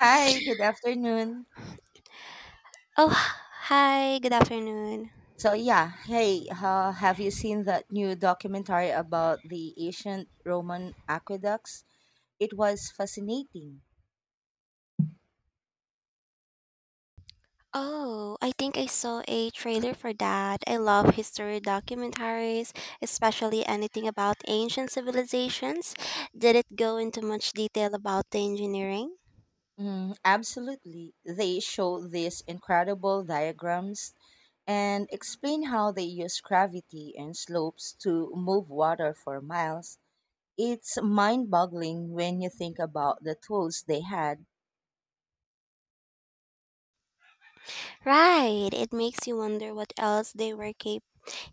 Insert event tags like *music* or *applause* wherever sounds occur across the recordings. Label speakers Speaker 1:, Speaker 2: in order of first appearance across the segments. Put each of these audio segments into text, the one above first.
Speaker 1: Hi, good afternoon.
Speaker 2: Oh, hi. Good afternoon.
Speaker 1: So yeah, hey, have you seen that new documentary about the ancient Roman aqueducts? It was fascinating.
Speaker 2: Oh, I think I saw a trailer for that. I love history documentaries, especially anything about ancient civilizations. Did it go into much detail about the engineering?
Speaker 1: Mm, absolutely. They show these incredible diagrams and explain how they use gravity and slopes to move water for miles. It's mind boggling when you think about the tools they had.
Speaker 2: Right. It makes you wonder what else they were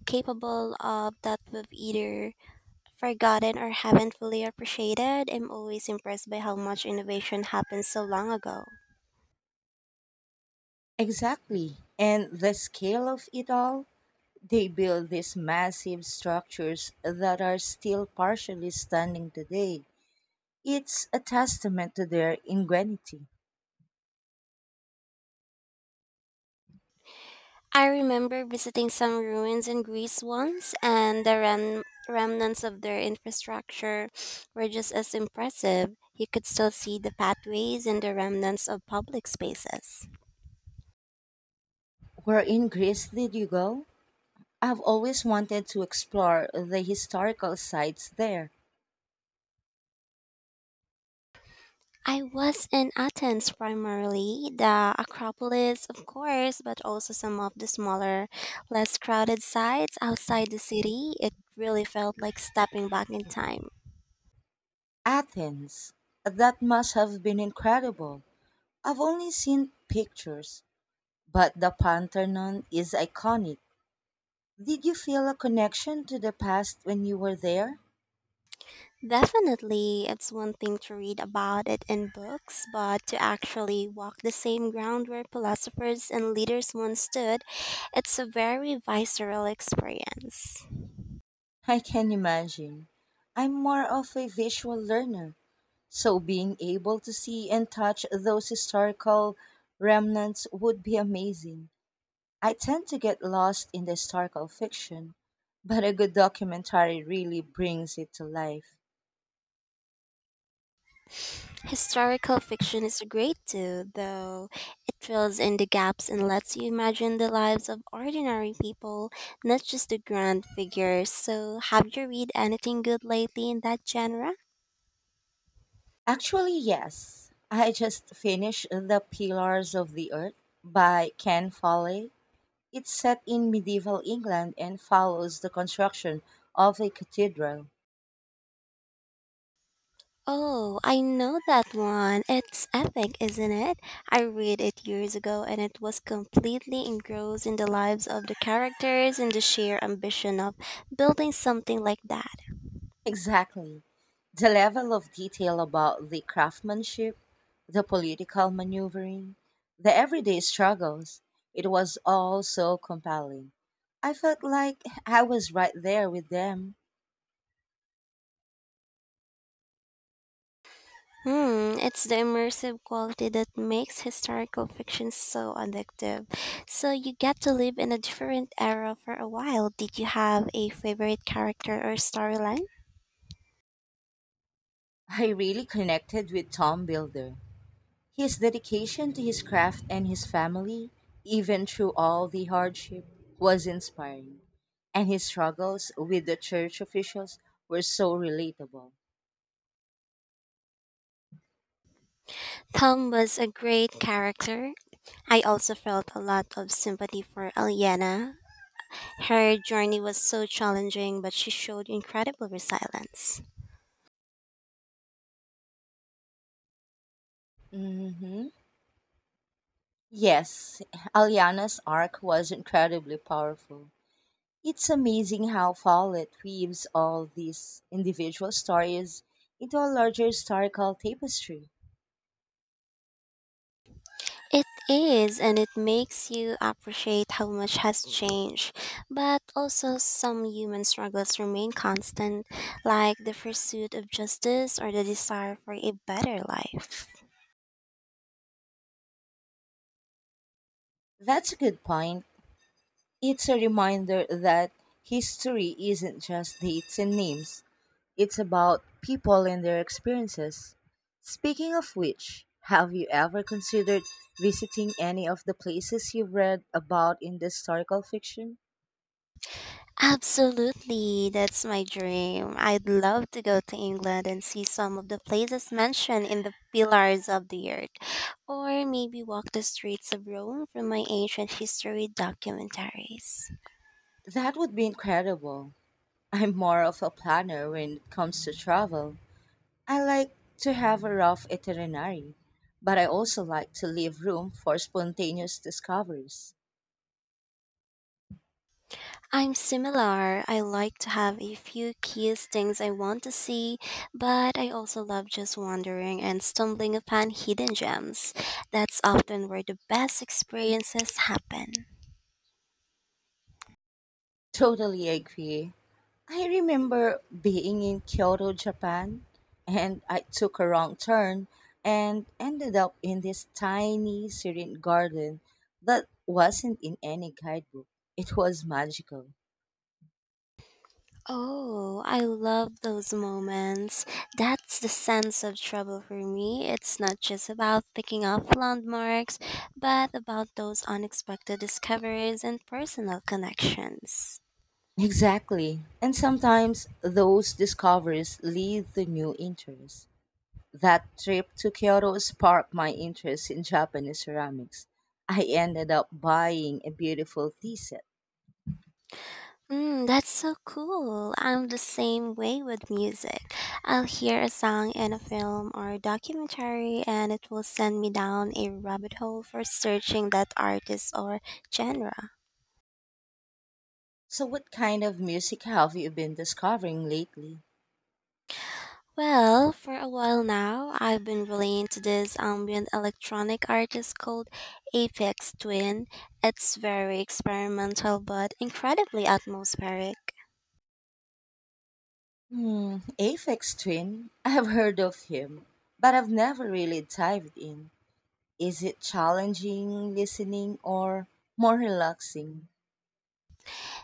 Speaker 2: capable of that we've either forgotten or haven't fully appreciated. I'm always impressed by how much innovation happened so long ago.
Speaker 1: Exactly. And the scale of it all. They built these massive structures that are still partially standing today. It's a testament to their ingenuity.
Speaker 2: I remember visiting some ruins in Greece once, and the remnants of their infrastructure were just as impressive. You could still see the pathways and the remnants of public spaces.
Speaker 1: Where in Greece did you go? I've always wanted to explore the historical sites there.
Speaker 2: I was in Athens primarily, the Acropolis, of course, but also some of the smaller, less crowded sites outside the city. It really felt like stepping back in time.
Speaker 1: Athens. That must have been incredible. I've only seen pictures, but the Parthenon is iconic. Did you feel a connection to the past when you were there?
Speaker 2: Definitely, it's one thing to read about it in books, but to actually walk the same ground where philosophers and leaders once stood, it's a very visceral experience.
Speaker 1: I can imagine. I'm more of a visual learner, so being able to see and touch those historical remnants would be amazing. I tend to get lost in the historical fiction, but a good documentary really brings it to life.
Speaker 2: Historical fiction is great too, though it fills in the gaps and lets you imagine the lives of ordinary people, not just the grand figures. So, have you read anything good lately in that genre?
Speaker 1: Actually, yes. I just finished The Pillars of the Earth by Ken Follett. It's set in medieval England and follows the construction of a cathedral.
Speaker 2: Oh, I know that one. It's epic, isn't it? I read it years ago and it was completely engrossed in the lives of the characters and the sheer ambition of building something like that.
Speaker 1: Exactly. The level of detail about the craftsmanship, the political maneuvering, the everyday struggles, it was all so compelling. I felt like I was right there with them.
Speaker 2: Hmm, it's the immersive quality that makes historical fiction so addictive. So you get to live in a different era for a while. Did you have a favorite character or storyline?
Speaker 1: I really connected with Tom Builder. His dedication to his craft and his family, even through all the hardship, was inspiring. And his struggles with the church officials were so relatable.
Speaker 2: Tom was a great character. I also felt a lot of sympathy for Aliena. Her journey was so challenging, but she showed incredible resilience.
Speaker 1: Mhm. Yes, Aliana's arc was incredibly powerful. It's amazing how Follett weaves all these individual stories into a larger historical tapestry.
Speaker 2: It is, and it makes you appreciate how much has changed. But also, some human struggles remain constant, like the pursuit of justice or the desire for a better life.
Speaker 1: That's a good point. It's a reminder that history isn't just dates and names, it's about people and their experiences. Speaking of which, have you ever considered visiting any of the places you've read about in the historical fiction?
Speaker 2: Absolutely, that's my dream. I'd love to go to England and see some of the places mentioned in the Pillars of the Earth, or maybe walk the streets of Rome from my ancient history documentaries.
Speaker 1: That would be incredible. I'm more of a planner when it comes to travel. I like to have a rough itinerary, but I also like to leave room for spontaneous discoveries.
Speaker 2: I'm similar. I like to have a few key things I want to see, but I also love just wandering and stumbling upon hidden gems. That's often where the best experiences happen.
Speaker 1: Totally agree. I remember being in Kyoto, Japan, and I took a wrong turn and ended up in this tiny, serene garden that wasn't in any guidebook. It was magical.
Speaker 2: Oh, I love those moments. That's the sense of trouble for me. It's not just about picking up landmarks, but about those unexpected discoveries and personal connections.
Speaker 1: Exactly. And sometimes those discoveries lead to new interests. That trip to Kyoto sparked my interest in Japanese ceramics. I ended up buying a beautiful tea set.
Speaker 2: Mm, that's so cool. I'm the same way with music. I'll hear a song in a film or a documentary, and it will send me down a rabbit hole for searching that artist or genre.
Speaker 1: So, what kind of music have you been discovering lately?
Speaker 2: Well, for a while now, I've been really into this ambient electronic artist called Apex Twin. It's very experimental but incredibly atmospheric.
Speaker 1: Hmm, Aphex Twin. *laughs* I've heard of him, but I've never really dived in. Is it challenging listening or more relaxing?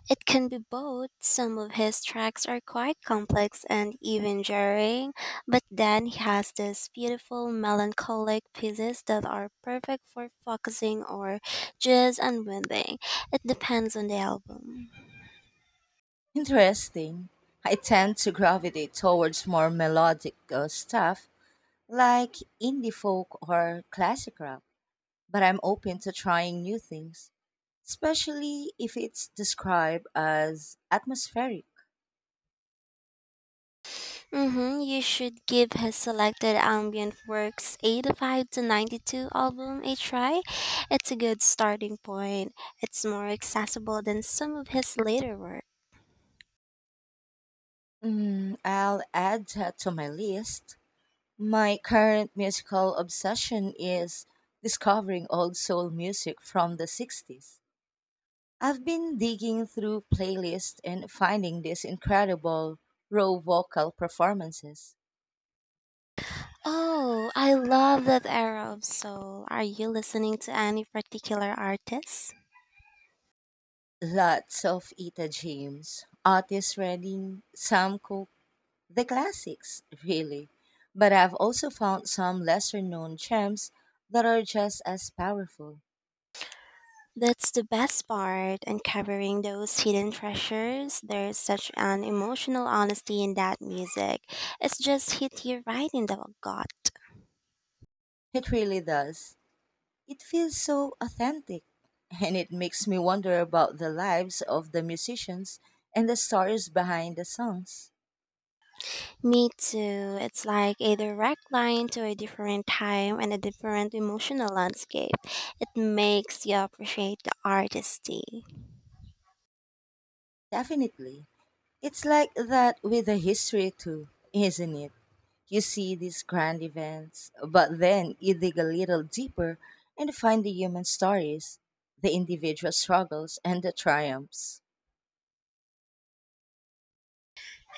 Speaker 2: It can be both. Some of his tracks are quite complex and even jarring, but then he has these beautiful melancholic pieces that are perfect for focusing or just unwinding. It depends on the album.
Speaker 1: Interesting. I tend to gravitate towards more melodic stuff like indie folk or classic rock, but I'm open to trying new things, especially if it's described as atmospheric.
Speaker 2: Mm-hmm. You should give his selected ambient works 85 to 92 album a try. It's a good starting point. It's more accessible than some of his later work.
Speaker 1: Mm, I'll add that to my list. My current musical obsession is discovering old soul music from the 60s. I've been digging through playlists and finding these incredible raw vocal performances.
Speaker 2: Oh, I love that era of soul. Are you listening to any particular artists?
Speaker 1: Lots of Etta James, Otis Redding, Sam Cooke, the classics, really. But I've also found some lesser known gems that are just as powerful.
Speaker 2: That's the best part, uncovering those hidden treasures. There's such an emotional honesty in that music. It's just hit you right in the gut.
Speaker 1: It really does. It feels so authentic, and it makes me wonder about the lives of the musicians and the stories behind the songs.
Speaker 2: Me too. It's like a direct line to a different time and a different emotional landscape. It makes you appreciate the artistry.
Speaker 1: Definitely. It's like that with the history too, isn't it? You see these grand events, but then you dig a little deeper and find the human stories, the individual struggles, and the triumphs.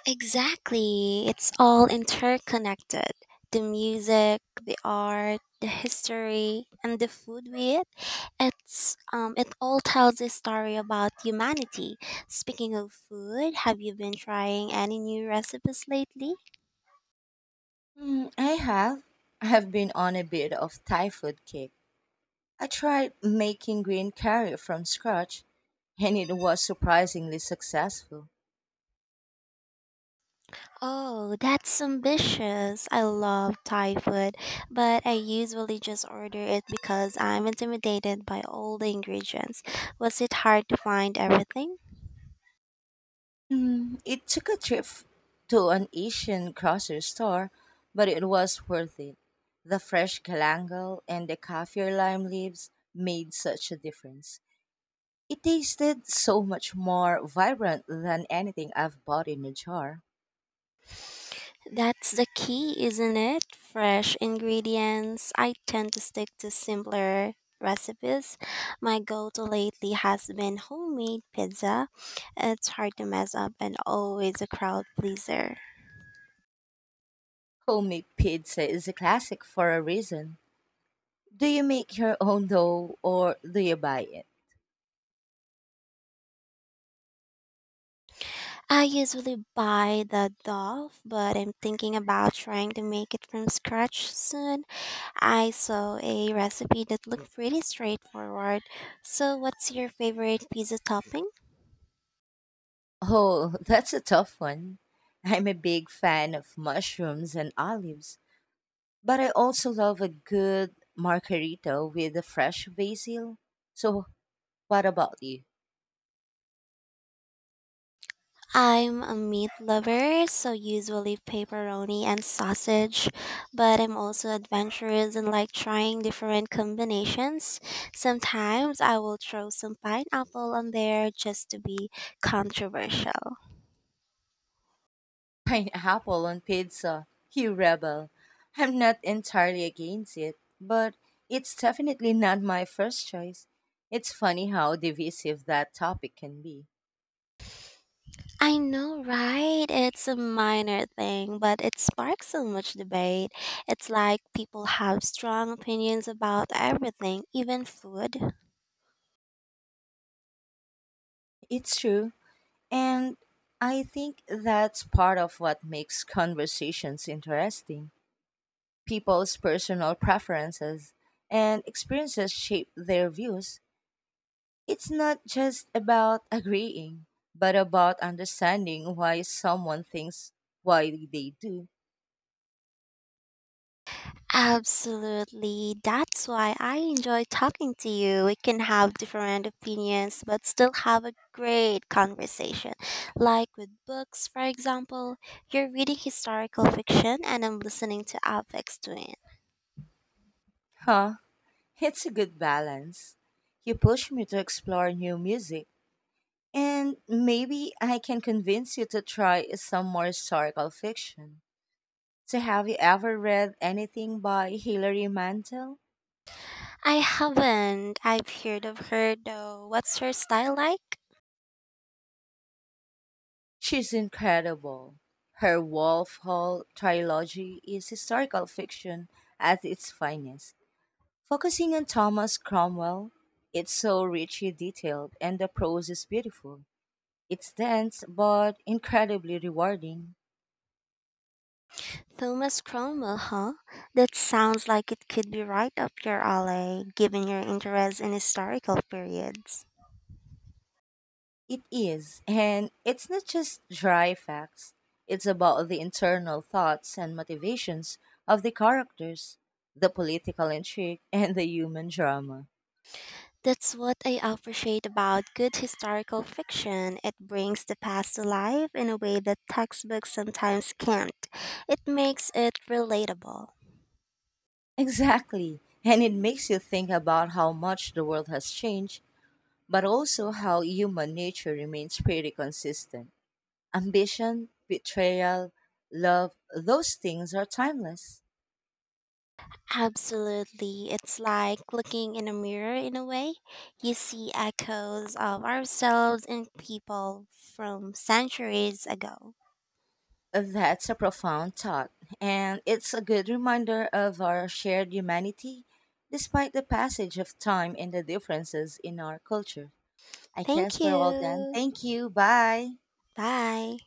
Speaker 2: Exactly. It's all interconnected. The music, the art, the history, and the food we eat. It all tells a story about humanity. Speaking of food, have you been trying any new recipes lately?
Speaker 1: Hmm, I have. I have been on a bit of Thai food kick. I tried making green curry from scratch, and it was surprisingly successful.
Speaker 2: Oh, that's ambitious. I love Thai food, but I usually just order it because I'm intimidated by all the ingredients. Was it hard to find everything?
Speaker 1: Hmm, it took a trip to an Asian grocery store, but it was worth it. The fresh galangal and the kaffir lime leaves made such a difference. It tasted so much more vibrant than anything I've bought in a jar.
Speaker 2: That's the key, isn't it? Fresh ingredients. I tend to stick to simpler recipes. My go to lately has been homemade pizza. It's hard to mess up and always a crowd pleaser.
Speaker 1: Homemade pizza is a classic for a reason. Do you make your own dough or do you buy it?
Speaker 2: I usually buy the Dove, but I'm thinking about trying to make it from scratch soon. I saw a recipe that looked pretty straightforward. So, what's your favorite pizza topping?
Speaker 1: Oh, *laughs* that's a tough one. I'm a big fan of mushrooms and olives, but I also love a good margarita with a fresh basil. So, what about you?
Speaker 2: I'm a meat lover, so usually pepperoni and sausage, but I'm also adventurous and like trying different combinations. Sometimes I will throw some pineapple on there just to be controversial.
Speaker 1: *laughs* Pineapple on pizza, you rebel. I'm not entirely against it, but it's definitely not my first choice. It's funny how divisive that topic can be.
Speaker 2: I know, right? It's a minor thing, but it sparks so much debate. It's like people have strong opinions about everything, even food.
Speaker 1: It's true, and I think that's part of what makes conversations interesting. People's personal preferences and experiences shape their views. It's not just about agreeing, but about understanding why someone thinks why they do.
Speaker 2: Absolutely. That's why I enjoy talking to you. We can have different opinions, but still have a great conversation. Like with books, for example, you're reading historical fiction and I'm listening to Avex Twin.
Speaker 1: Huh? It's a good balance. You push me to explore new music, and maybe I can convince you to try some more historical fiction. So, have you ever read anything by Hilary Mantel?
Speaker 2: I haven't. I've heard of her though. What's her style like?
Speaker 1: She's incredible. Her Wolf Hall trilogy is historical fiction at its finest. Focusing on Thomas Cromwell, it's so richly detailed and the prose is beautiful. It's dense but incredibly rewarding.
Speaker 2: Thomas Cromwell, huh? That sounds like it could be right up your alley, given your interest in historical periods.
Speaker 1: It is, and it's not just dry facts, it's about the internal thoughts and motivations of the characters, the political intrigue, and the human drama.
Speaker 2: That's what I appreciate about good historical fiction. It brings the past to life in a way that textbooks sometimes can't. It makes it relatable.
Speaker 1: Exactly, and it makes you think about how much the world has changed, but also how human nature remains pretty consistent. Ambition, betrayal, love, those things are timeless.
Speaker 2: Absolutely. It's like looking in a mirror in a way. You see echoes of ourselves and people from centuries ago.
Speaker 1: That's a profound thought, and it's a good reminder of our shared humanity despite the passage of time and the differences in our culture. I
Speaker 2: Thank
Speaker 1: guess we're all done.
Speaker 2: you.
Speaker 1: Thank you. Bye.
Speaker 2: Bye.